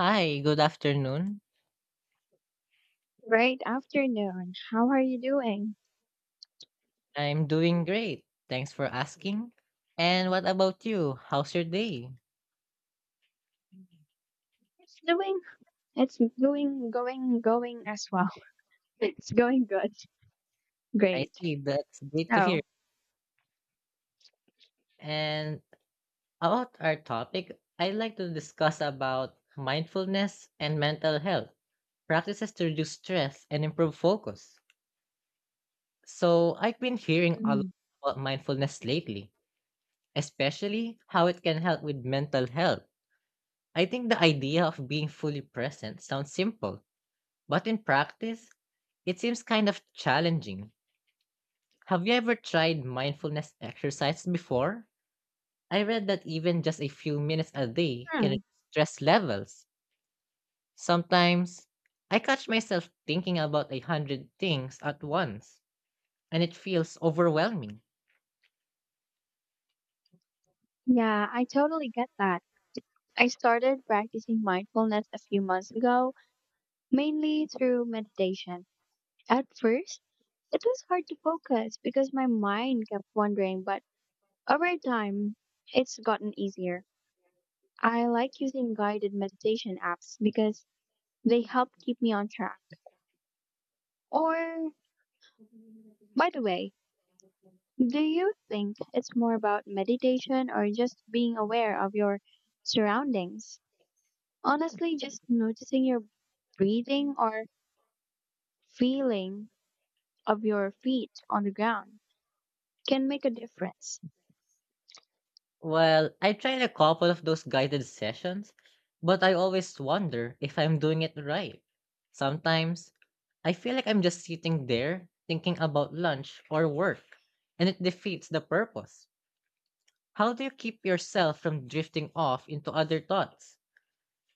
Hi, good afternoon. Great afternoon. How are you doing? I'm doing great. Thanks for asking. And what about you? How's your day? It's doing, it's going as well. It's going good. I Great. see, that's great to hear. So, And about our topic, I'd like to discuss about mindfulness and mental health, practices to reduce stress and improve focus. So, I've been hearing a lot mm, about mindfulness lately, especially how it can help with mental health. I think the idea of being fully present sounds simple, but in practice, it seems kind of challenging. Have you ever tried mindfulness exercise before? I read that even just a few minutes a day can hmm, reduce stress levels. Sometimes I catch myself thinking about a hundred things at once, and it feels overwhelming. yeah, I totally get that. I started practicing mindfulness a few months ago, mainly through meditation. At first, it was hard to focus because my mind kept wandering, but over time, it's gotten easier. I like using guided meditation apps because they help keep me on track. Or by the way, do you think it's more about meditation or just being aware of your surroundings? Honestly, just noticing your breathing or feeling of your feet on the ground can make a difference. Well, I tried a couple of those guided sessions, but I always wonder if I'm doing it right. Sometimes I feel like I'm just sitting there thinking about lunch or work, and it defeats the purpose. How do you keep yourself from drifting off into other thoughts?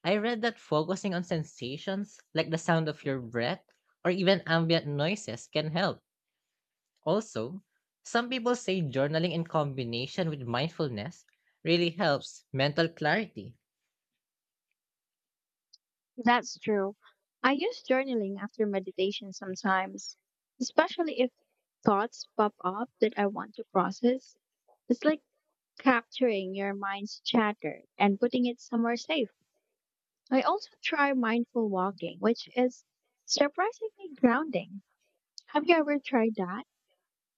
I read that focusing on sensations like the sound of your breath or even ambient noises can help. Also, some people say journaling in combination with mindfulness really helps mental clarity. That's true. I use journaling after meditation sometimes, especially if thoughts pop up that I want to process. It's like capturing your mind's chatter and putting it somewhere safe. I also try mindful walking, which is surprisingly grounding. Have you ever tried that?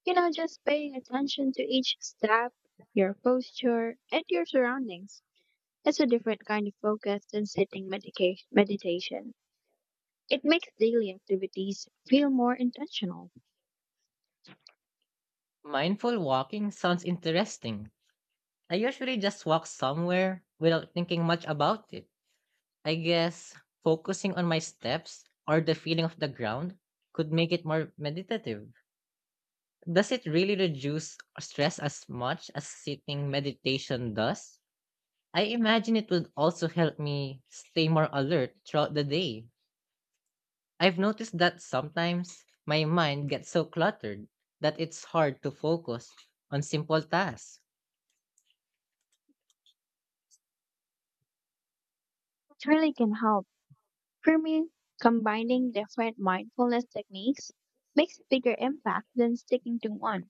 You know, just paying attention to each step, your posture, and your surroundings. It's a different kind of focus than sitting meditation. It makes daily activities feel more intentional. Mindful walking sounds interesting. I usually just walk somewhere without thinking much about it. I guess focusing on my steps or the feeling of the ground could make it more meditative. Does it really reduce stress as much as sitting meditation does? I imagine it would also help me stay more alert throughout the day. I've noticed that sometimes my mind gets so cluttered that it's hard to focus on simple tasks. It really can help. For me, combining different mindfulness techniques makes a bigger impact than sticking to one.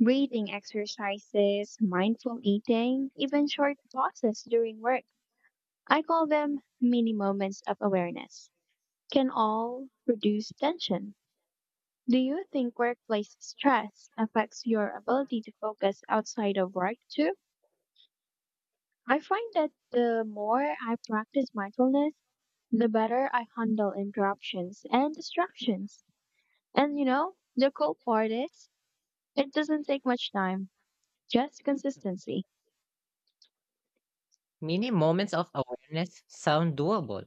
Breathing exercises, mindful eating, even short pauses during work. I call them mini moments of awareness. Can all reduce tension. Do you think workplace stress affects your ability to focus outside of work too? I find that the more I practice mindfulness, the better I handle interruptions and distractions. And you know, the cool part is, it doesn't take much time, just consistency. Many moments of awareness sound doable.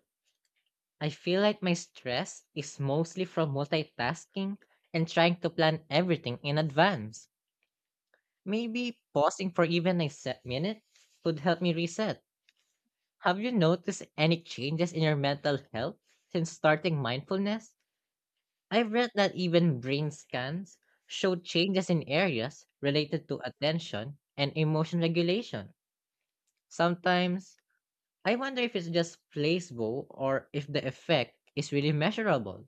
I feel like my stress is mostly from multitasking and trying to plan everything in advance. Maybe pausing for even a set minute could help me reset. Have you noticed any changes in your mental health since starting mindfulness? I've read that even brain scans show changes in areas related to attention and emotion regulation. Sometimes I wonder if it's just placebo or if the effect is really measurable.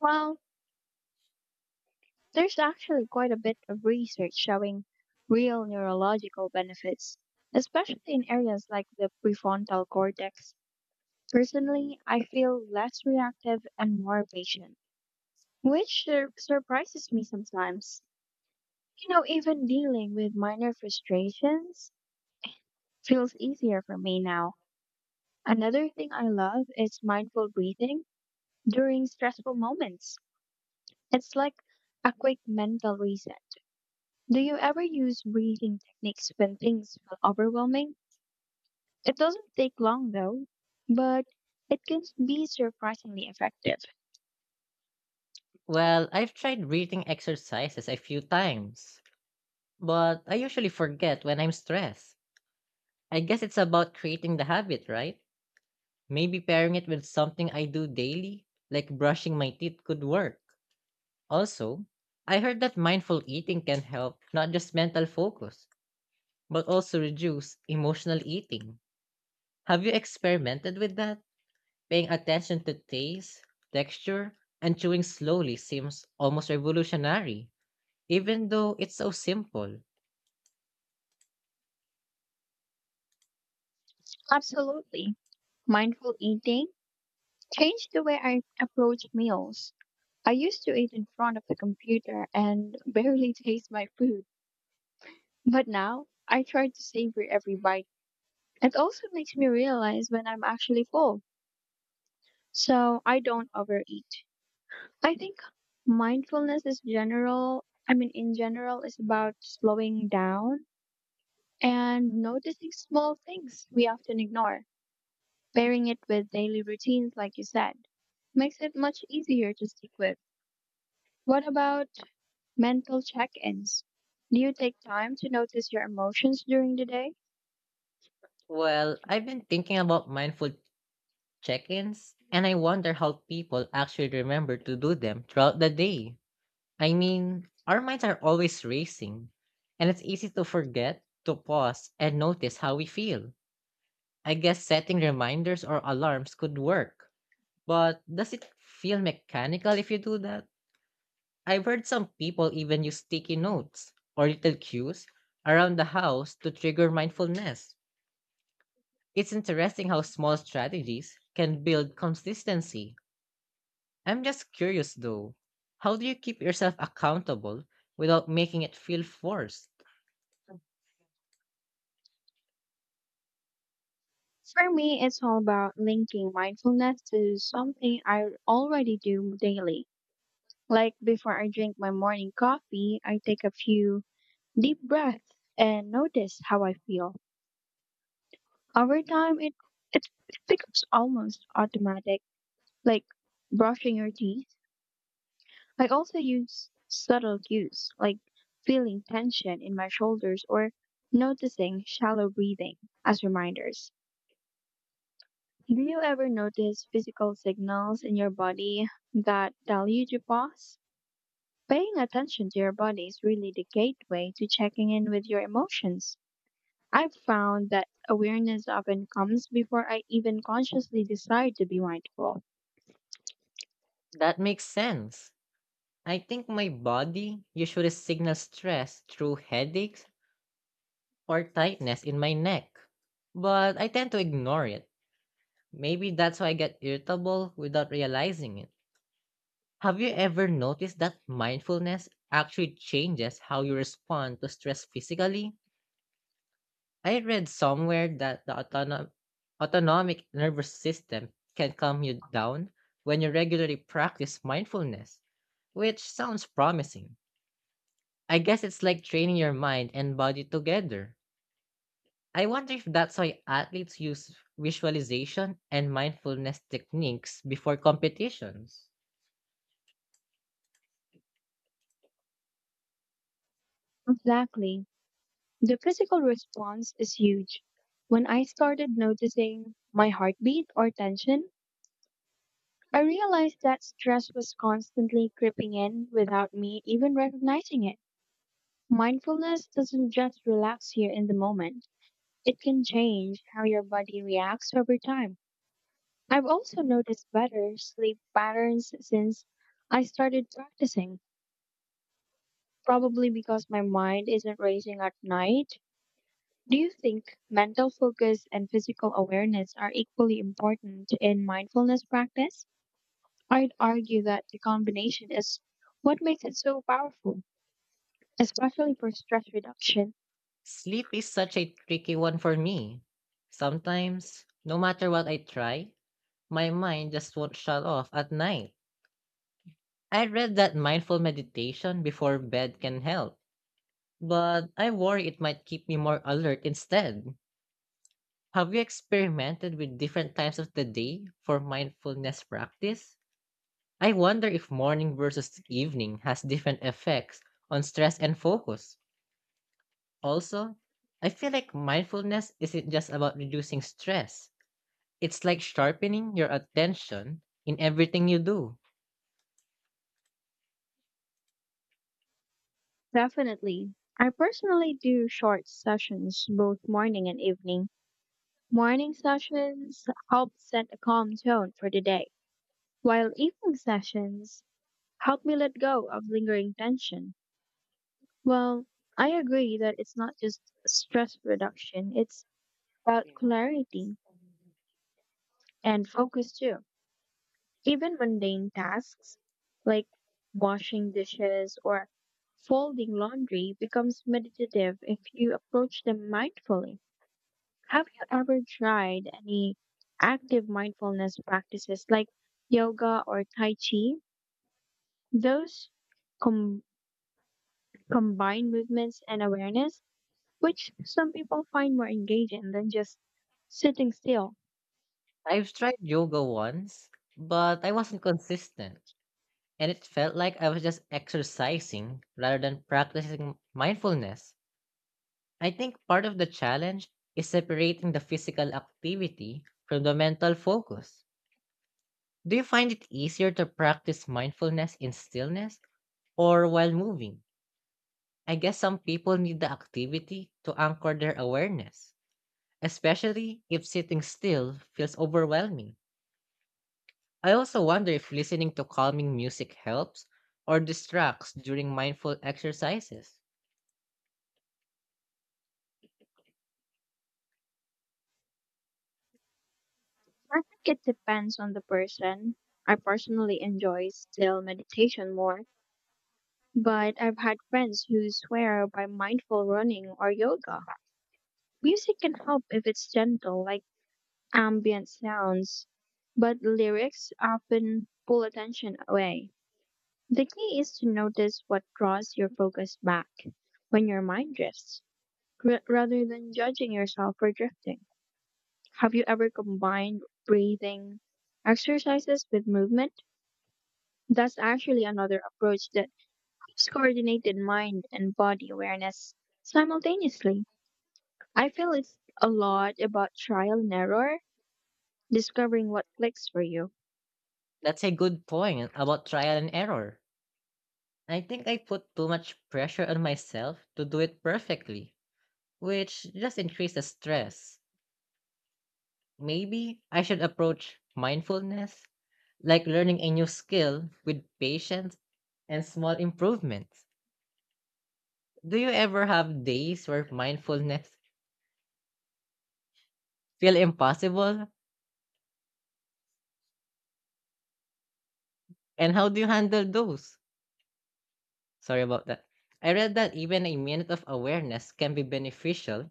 Well, there's actually quite a bit of research showing real neurological benefits, especially in areas like the prefrontal cortex. Personally, I feel less reactive and more patient, which surprises me sometimes. You know, even dealing with minor frustrations feels easier for me now. Another thing I love is mindful breathing during stressful moments. It's like a quick mental reset. Do you ever use breathing techniques when things feel overwhelming? It doesn't take long though, but it can be surprisingly effective. Well, I've tried breathing exercises a few times, but I usually forget when I'm stressed. I guess it's about creating the habit, right? Maybe pairing it with something I do daily, like brushing my teeth, could work. Also, I heard that mindful eating can help not just mental focus, but also reduce emotional eating. Have you experimented with that? Paying attention to taste, texture, and chewing slowly seems almost revolutionary, even though it's so simple. Absolutely. Mindful eating changed the way I approach meals. I used to eat in front of the computer and barely taste my food, but now I try to savor every bite. It also makes me realize when I'm actually full, so I don't overeat. I think mindfulness is general, I mean, in general, is about slowing down and noticing small things we often ignore. Pairing it with daily routines, like you said, makes it much easier to stick with. What about mental check ins? Do you take time to notice your emotions during the day? Well, I've been thinking about mindful check ins, and I wonder how people actually remember to do them throughout the day. I mean, our minds are always racing, and it's easy to forget to pause and notice how we feel. I guess setting reminders or alarms could work, but does it feel mechanical if you do that? I've heard some people even use sticky notes or little cues around the house to trigger mindfulness. It's interesting how small strategies can build consistency. I'm just curious though, how do you keep yourself accountable without making it feel forced? For me, it's all about linking mindfulness to something I already do daily. Like before I drink my morning coffee, I take a few deep breath and notice how I feel. Over time, it becomes almost automatic, like brushing your teeth. I also use subtle cues, like feeling tension in my shoulders or noticing shallow breathing as reminders. Do you ever notice physical signals in your body that tell you to pause? Paying attention to your body is really the gateway to checking in with your emotions. I've found that awareness often comes before I even consciously decide to be mindful. That makes sense. I think my body usually signals stress through headaches or tightness in my neck, but I tend to ignore it. Maybe that's why I get irritable without realizing it. Have you ever noticed that mindfulness actually changes how you respond to stress physically? I read somewhere that the autonomic nervous system can calm you down when you regularly practice mindfulness, which sounds promising. I guess it's like training your mind and body together. I wonder if that's why athletes use visualization and mindfulness techniques before competitions. Exactly. The physical response is huge. When I started noticing my heartbeat or tension, I realized that stress was constantly creeping in without me even recognizing it. Mindfulness doesn't just relax you in the moment, it can change how your body reacts over time. I've also noticed better sleep patterns since I started practicing. Probably because my mind isn't racing at night. Do you think mental focus and physical awareness are equally important in mindfulness practice? I'd argue that the combination is what makes it so powerful, especially for stress reduction. Sleep is such a tricky one for me. Sometimes, no matter what I try, my mind just won't shut off at night. I read that mindful meditation before bed can help, but I worry it might keep me more alert instead. Have you experimented with different times of the day for mindfulness practice? I wonder if morning versus evening has different effects on stress and focus. Also, I feel like mindfulness isn't just about reducing stress, it's like sharpening your attention in everything you do. Definitely. I personally do short sessions both morning and evening. Morning sessions help set a calm tone for the day, while evening sessions help me let go of lingering tension. Well, I agree that it's not just stress reduction, it's about clarity and focus too. Even mundane tasks like washing dishes or folding laundry becomes meditative if you approach them mindfully. Have you ever tried any active mindfulness practices like yoga or tai chi? Those com- combine movements and awareness which some people find more engaging than just sitting still. I've tried yoga once, but I wasn't consistent, and it felt like I was just exercising rather than practicing mindfulness. I think part of the challenge is separating the physical activity from the mental focus. Do you find it easier to practice mindfulness in stillness or while moving? I guess some people need the activity to anchor their awareness, especially if sitting still feels overwhelming. I also wonder if listening to calming music helps or distracts during mindful exercises. I think it depends on the person. I personally enjoy still meditation more, but I've had friends who swear by mindful running or yoga. Music can help if it's gentle, like ambient sounds, but lyrics often pull attention away. The key is to notice what draws your focus back when your mind drifts, rather than judging yourself for drifting. Have you ever combined breathing exercises with movement? That's actually another approach that keeps coordinated mind and body awareness simultaneously. I feel it's a lot about trial and error, discovering what clicks for you. That's a good point about trial and error. I think I put too much pressure on myself to do it perfectly, which just increases stress. Maybe I should approach mindfulness like learning a new skill with patience and small improvements. Do you ever have days where mindfulness feel impossible? And how do you handle those? Sorry about that. I read that even a minute of awareness can be beneficial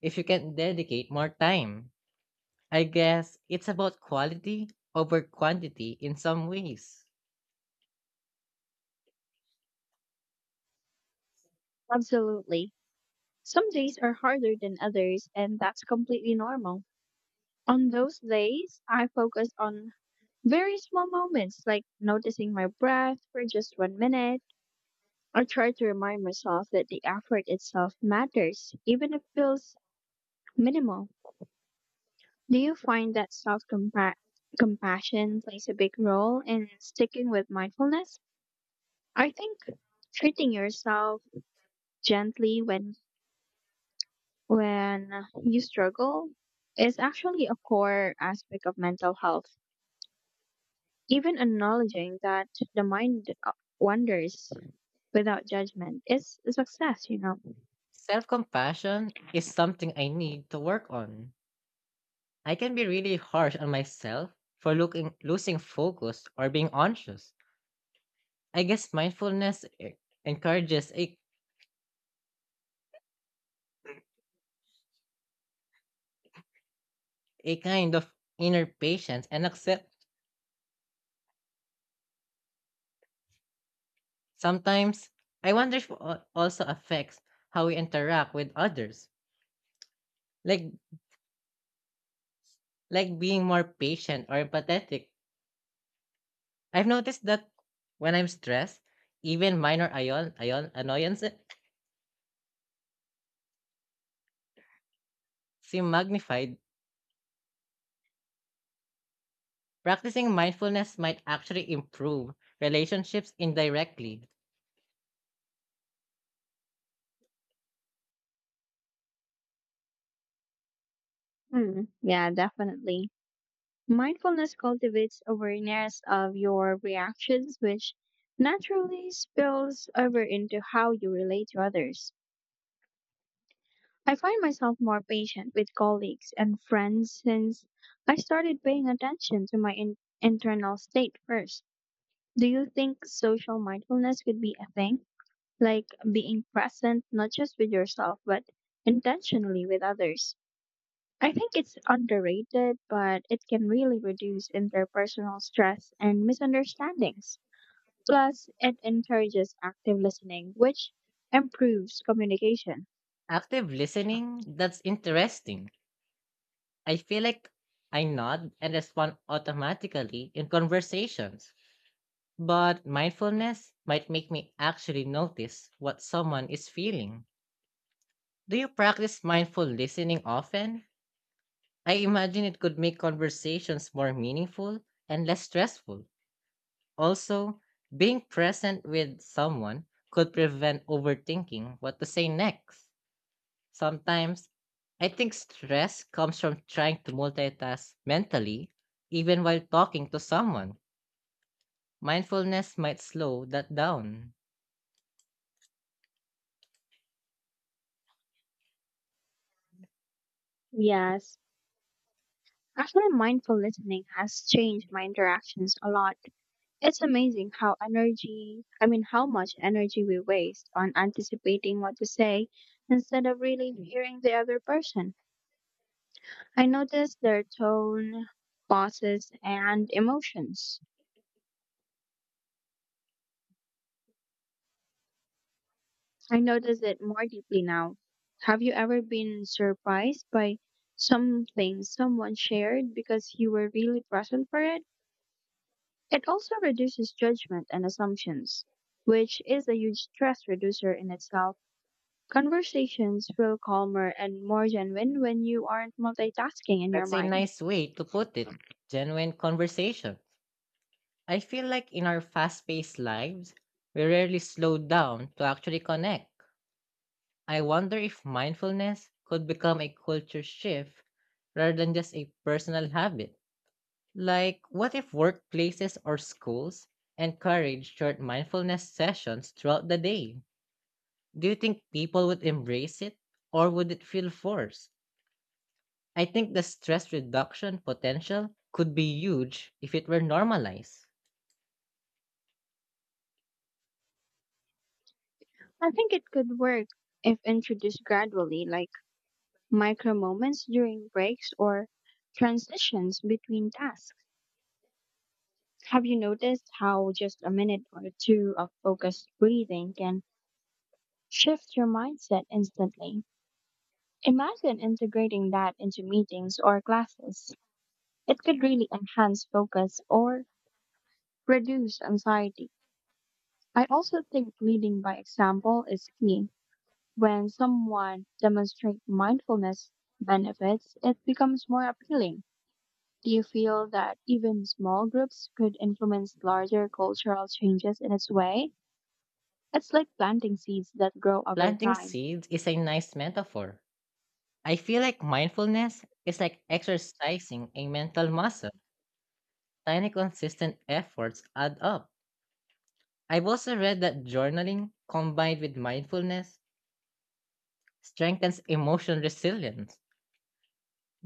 if you can dedicate more time. I guess it's about quality over quantity in some ways. Absolutely. Some days are harder than others, and that's completely normal. On those days, I focus on very small moments like noticing my breath for just 1 minute. I try to remind myself that the effort itself matters, even if it feels minimal. Do you find that self compassion plays a big role in sticking with mindfulness? I think treating yourself gently when you struggle is actually a core aspect of mental health. Even acknowledging that the mind wanders without judgment is a success, you know. Self compassion is something I need to work on. I can be really harsh on myself for looking, losing focus or being anxious. I guess mindfulness encourages a kind of inner patience and accept. Sometimes I wonder if it also affects how we interact with others, like being more patient or empathetic. I've noticed that when I'm stressed, even minor ion annoyances seem magnified. Practicing mindfulness might actually improve relationships indirectly. Hmm. Yeah, definitely. Mindfulness cultivates awareness of your reactions, which naturally spills over into how you relate to others. I find myself more patient with colleagues and friends since I started paying attention to my internal state first. Do you think social mindfulness could be a thing? Like being present not just with yourself, but intentionally with others? I think it's underrated, but it can really reduce interpersonal stress and misunderstandings. Plus, it encourages active listening, which improves communication. Active listening? That's interesting. I feel like I nod and respond automatically in conversations, but mindfulness might make me actually notice what someone is feeling. Do you practice mindful listening often? I imagine it could make conversations more meaningful and less stressful. Also, being present with someone could prevent overthinking what to say next. Sometimes I think stress comes from trying to multitask mentally, even while talking to someone. Mindfulness might slow that down. Yes, actually, mindful listening has changed my interactions a lot. It's amazing how much energy we waste on anticipating what to say instead of really hearing the other person. I notice their tone, pauses, and emotions. I notice it more deeply now. Have you ever been surprised by something someone shared because you were really present for it? It also reduces judgment and assumptions, which is a huge stress reducer in itself. Conversations feel calmer and more genuine when you aren't multitasking in your That's a mind. nice way to put it. Genuine conversation. I feel like in our fast paced lives, we rarely slow down to actually connect. I wonder if mindfulness could become a culture shift rather than just a personal habit. Like, what if workplaces or schools encourage short mindfulness sessions throughout the day? Do you think people would embrace it or would it feel forced? I think the stress reduction potential could be huge if it were normalized. I think it could work if introduced gradually, like micro moments during breaks or transitions between tasks. Have you noticed how just a minute or two of focused breathing can shift your mindset instantly? Imagine integrating that into meetings or classes. It could really enhance focus or reduce anxiety. I also think leading by example is key. When someone demonstrates mindfulness benefits, it becomes more appealing. Do you feel that even small groups could influence larger cultural changes in its way? It's like planting seeds that grow over Planting time. seeds is a nice metaphor. I feel like mindfulness is like exercising a mental muscle. Tiny consistent efforts add up. I've also read that journaling combined with mindfulness strengthens emotional resilience.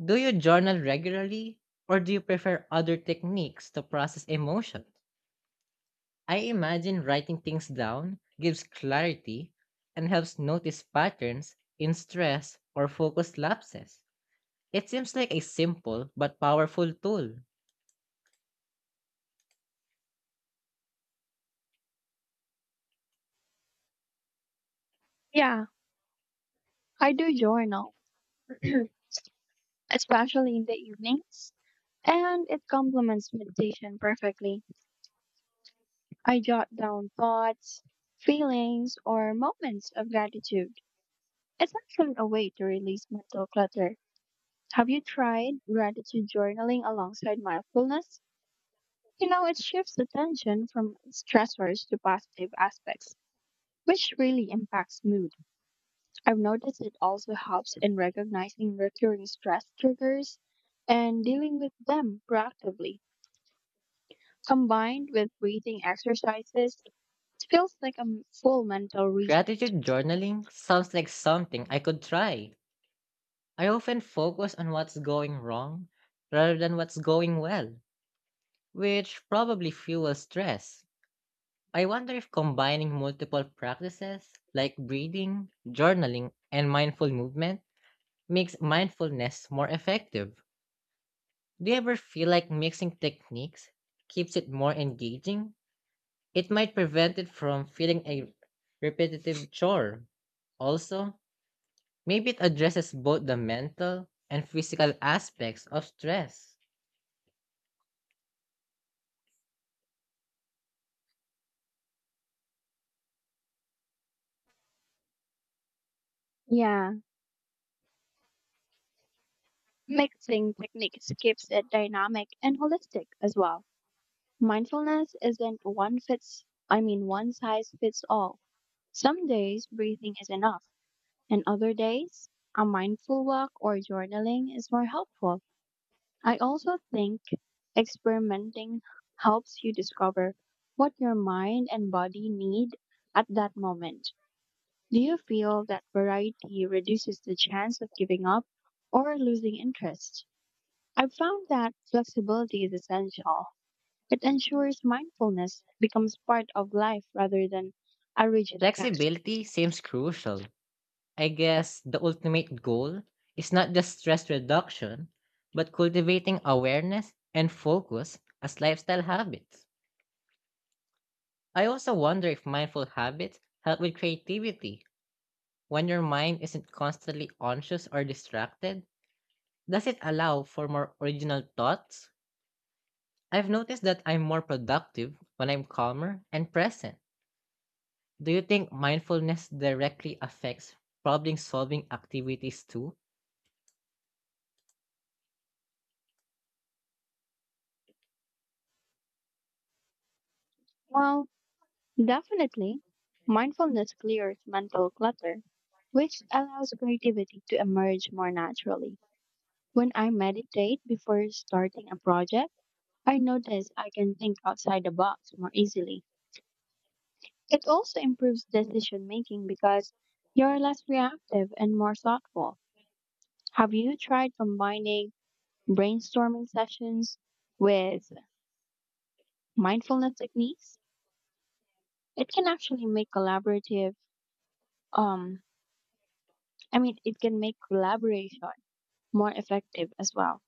Do you journal regularly or do you prefer other techniques to process emotion? I imagine writing things down gives clarity and helps notice patterns in stress or focus lapses. It seems like a simple but powerful tool. Yeah, I do journal, especially in the evenings, and it complements meditation perfectly. I jot down thoughts, feelings, or moments of gratitude. It's actually a way to release mental clutter. Have you tried gratitude journaling alongside mindfulness? You know, it shifts attention from stressors to positive aspects, which really impacts mood. I've noticed it also helps in recognizing recurring stress triggers and dealing with them proactively. Combined with breathing exercises, it feels like a full mental reset. Gratitude journaling sounds like something I could try. I often focus on what's going wrong rather than what's going well, which probably fuels stress. I wonder if combining multiple practices like breathing, journaling, and mindful movement makes mindfulness more effective. Do you ever feel like mixing techniques keeps it more engaging? It might prevent it from feeling a repetitive chore. Also, maybe it addresses both the mental and physical aspects of stress. Yeah, mixing techniques keeps it dynamic and holistic as well. Mindfulness isn't one size fits all. Some days breathing is enough, and other days, a mindful walk or journaling is more helpful. I also think experimenting helps you discover what your mind and body need at that moment. Do you feel that variety reduces the chance of giving up or losing interest? I've found that flexibility is essential. It ensures mindfulness becomes part of life rather than a rigid task. Flexibility seems crucial. I guess the ultimate goal is not just stress reduction, but cultivating awareness and focus as lifestyle habits. I also wonder if mindful habits help with creativity. When your mind isn't constantly anxious or distracted, does it allow for more original thoughts? I've noticed that I'm more productive when I'm calmer and present. Do you think mindfulness directly affects problem solving activities too? Well, definitely, mindfulness clears mental clutter, which allows creativity to emerge more naturally. When I meditate before starting a project, I notice I can think outside the box more easily. It also improves decision making because you're less reactive and more thoughtful. Have you tried combining brainstorming sessions with mindfulness techniques? It can actually make collaborative um I mean it can make collaboration more effective as well.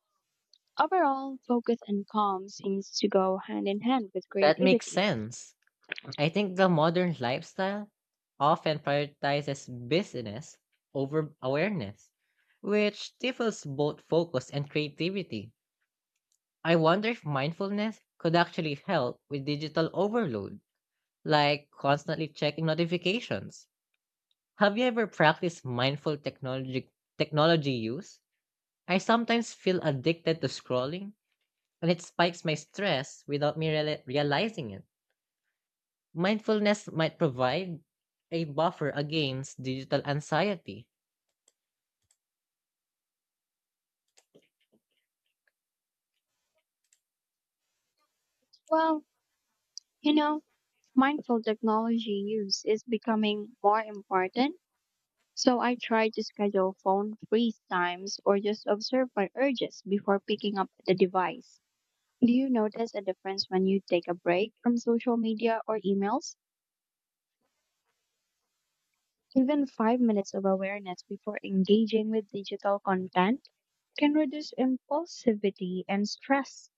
Overall, focus and calm seems to go hand in hand with That makes creativity. sense. I think the modern lifestyle often prioritizes business over awareness, which stifles both focus and creativity. I wonder if mindfulness could actually help with digital overload, like constantly checking notifications. Have you ever practiced mindful technology use? I sometimes feel addicted to scrolling, and it spikes my stress without me realizing it. Mindfulness might provide a buffer against digital anxiety. Well, you know, mindful technology use is becoming more important, so I try to schedule phone free times or just observe my urges before picking up the device. Do you notice a difference when you take a break from social media or emails? Even 5 minutes of awareness before engaging with digital content can reduce impulsivity and stress.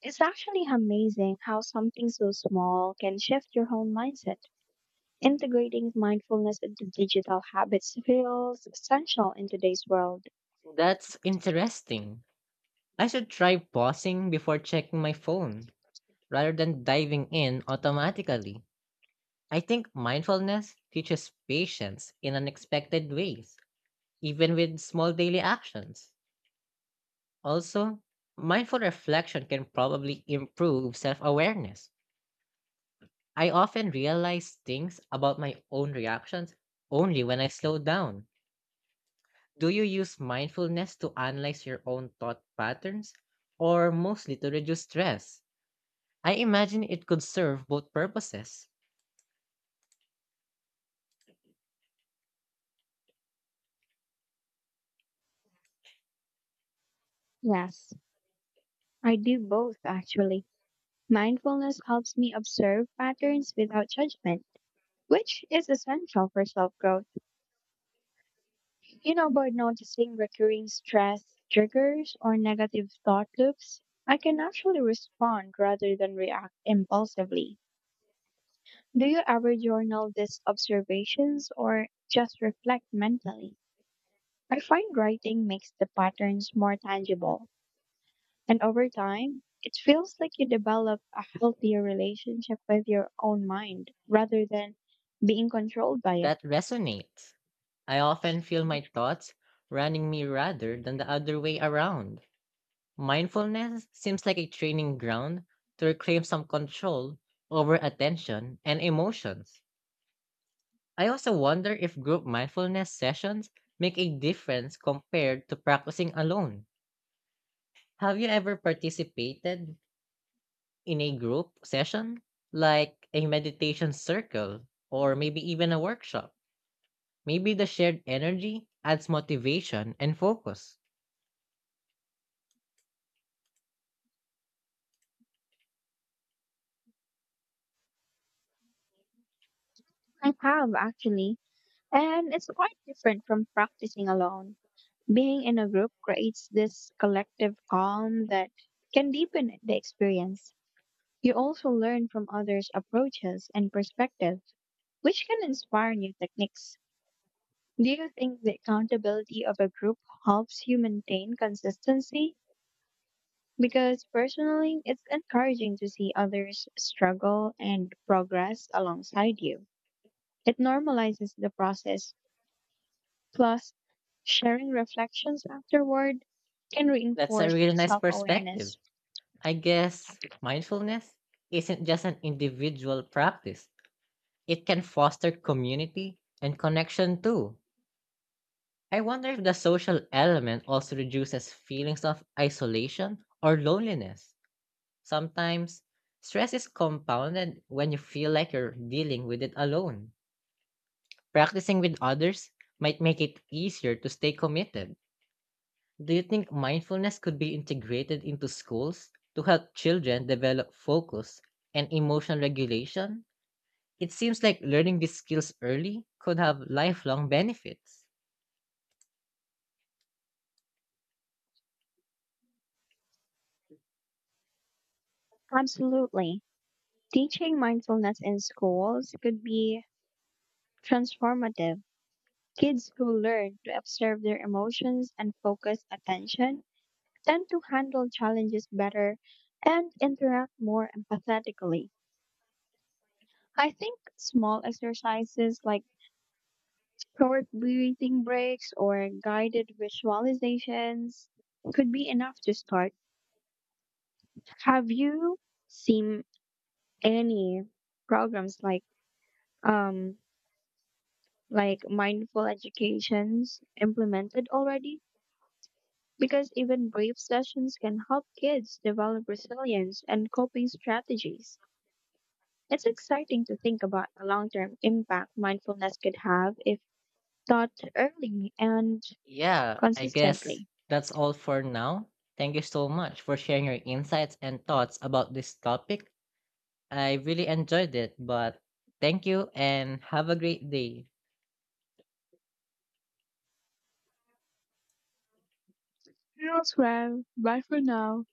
It's actually amazing how something so small can shift your whole mindset. Integrating mindfulness into digital habits feels essential in today's world. That's interesting. I should try pausing before checking my phone rather than diving in automatically. I think mindfulness teaches patience in unexpected ways, even with small daily actions. Also, mindful reflection can probably improve self awareness. I often realize things about my own reactions only when I slow down. Do you use mindfulness to analyze your own thought patterns or mostly to reduce stress? I imagine it could serve both purposes. Yes, I do both actually. Mindfulness helps me observe patterns without judgment, which is essential for self growth. You know, by noticing recurring stress triggers or negative thought loops, I can actually respond rather than react impulsively. Do you ever journal these observations or just reflect mentally? I find writing makes the patterns more tangible, and over time, it feels like you develop a healthier relationship with your own mind rather than being controlled by it. That resonates. I often feel my thoughts running me rather than the other way around. Mindfulness seems like a training ground to reclaim some control over attention and emotions. I also wonder if group mindfulness sessions make a difference compared to practicing alone. Have you ever participated in a group session, like a meditation circle, or maybe even a workshop. Maybe the shared energy adds motivation and focus. I have actually, and it's quite different from practicing alone. Being in a group creates this collective calm that can deepen the experience. You also learn from others' approaches and perspectives, which can inspire new techniques. Do you think the accountability of a group helps you maintain consistency? Because personally, it's encouraging to see others struggle and progress alongside you. It normalizes the process. Plus, sharing reflections afterward can That's a reinforce really nice self perspective. awareness. I guess mindfulness isn't just an individual practice, it can foster community and connection too. I wonder if the social element also reduces feelings of isolation or loneliness. Sometimes, stress is compounded when you feel like you're dealing with it alone. Practicing with others might make it easier to stay committed. Do you think mindfulness could be integrated into schools to help children develop focus and emotional regulation? It seems like learning these skills early could have lifelong benefits. Absolutely. Teaching mindfulness in schools could be transformative. Kids who learn to observe their emotions and focus attention tend to handle challenges better and interact more empathetically. I think small exercises like short breathing breaks or guided visualizations could be enough to start. Have you seen any programs um like mindful educations implemented already? Because even brief sessions can help kids develop resilience and coping strategies. It's exciting to think about the long term impact mindfulness could have if taught early and Yeah, I guess consistently. that's all for now. Thank you so much for sharing your insights and thoughts about this topic. I really enjoyed it, but thank you and have a great day. Elsewhere, bye for now.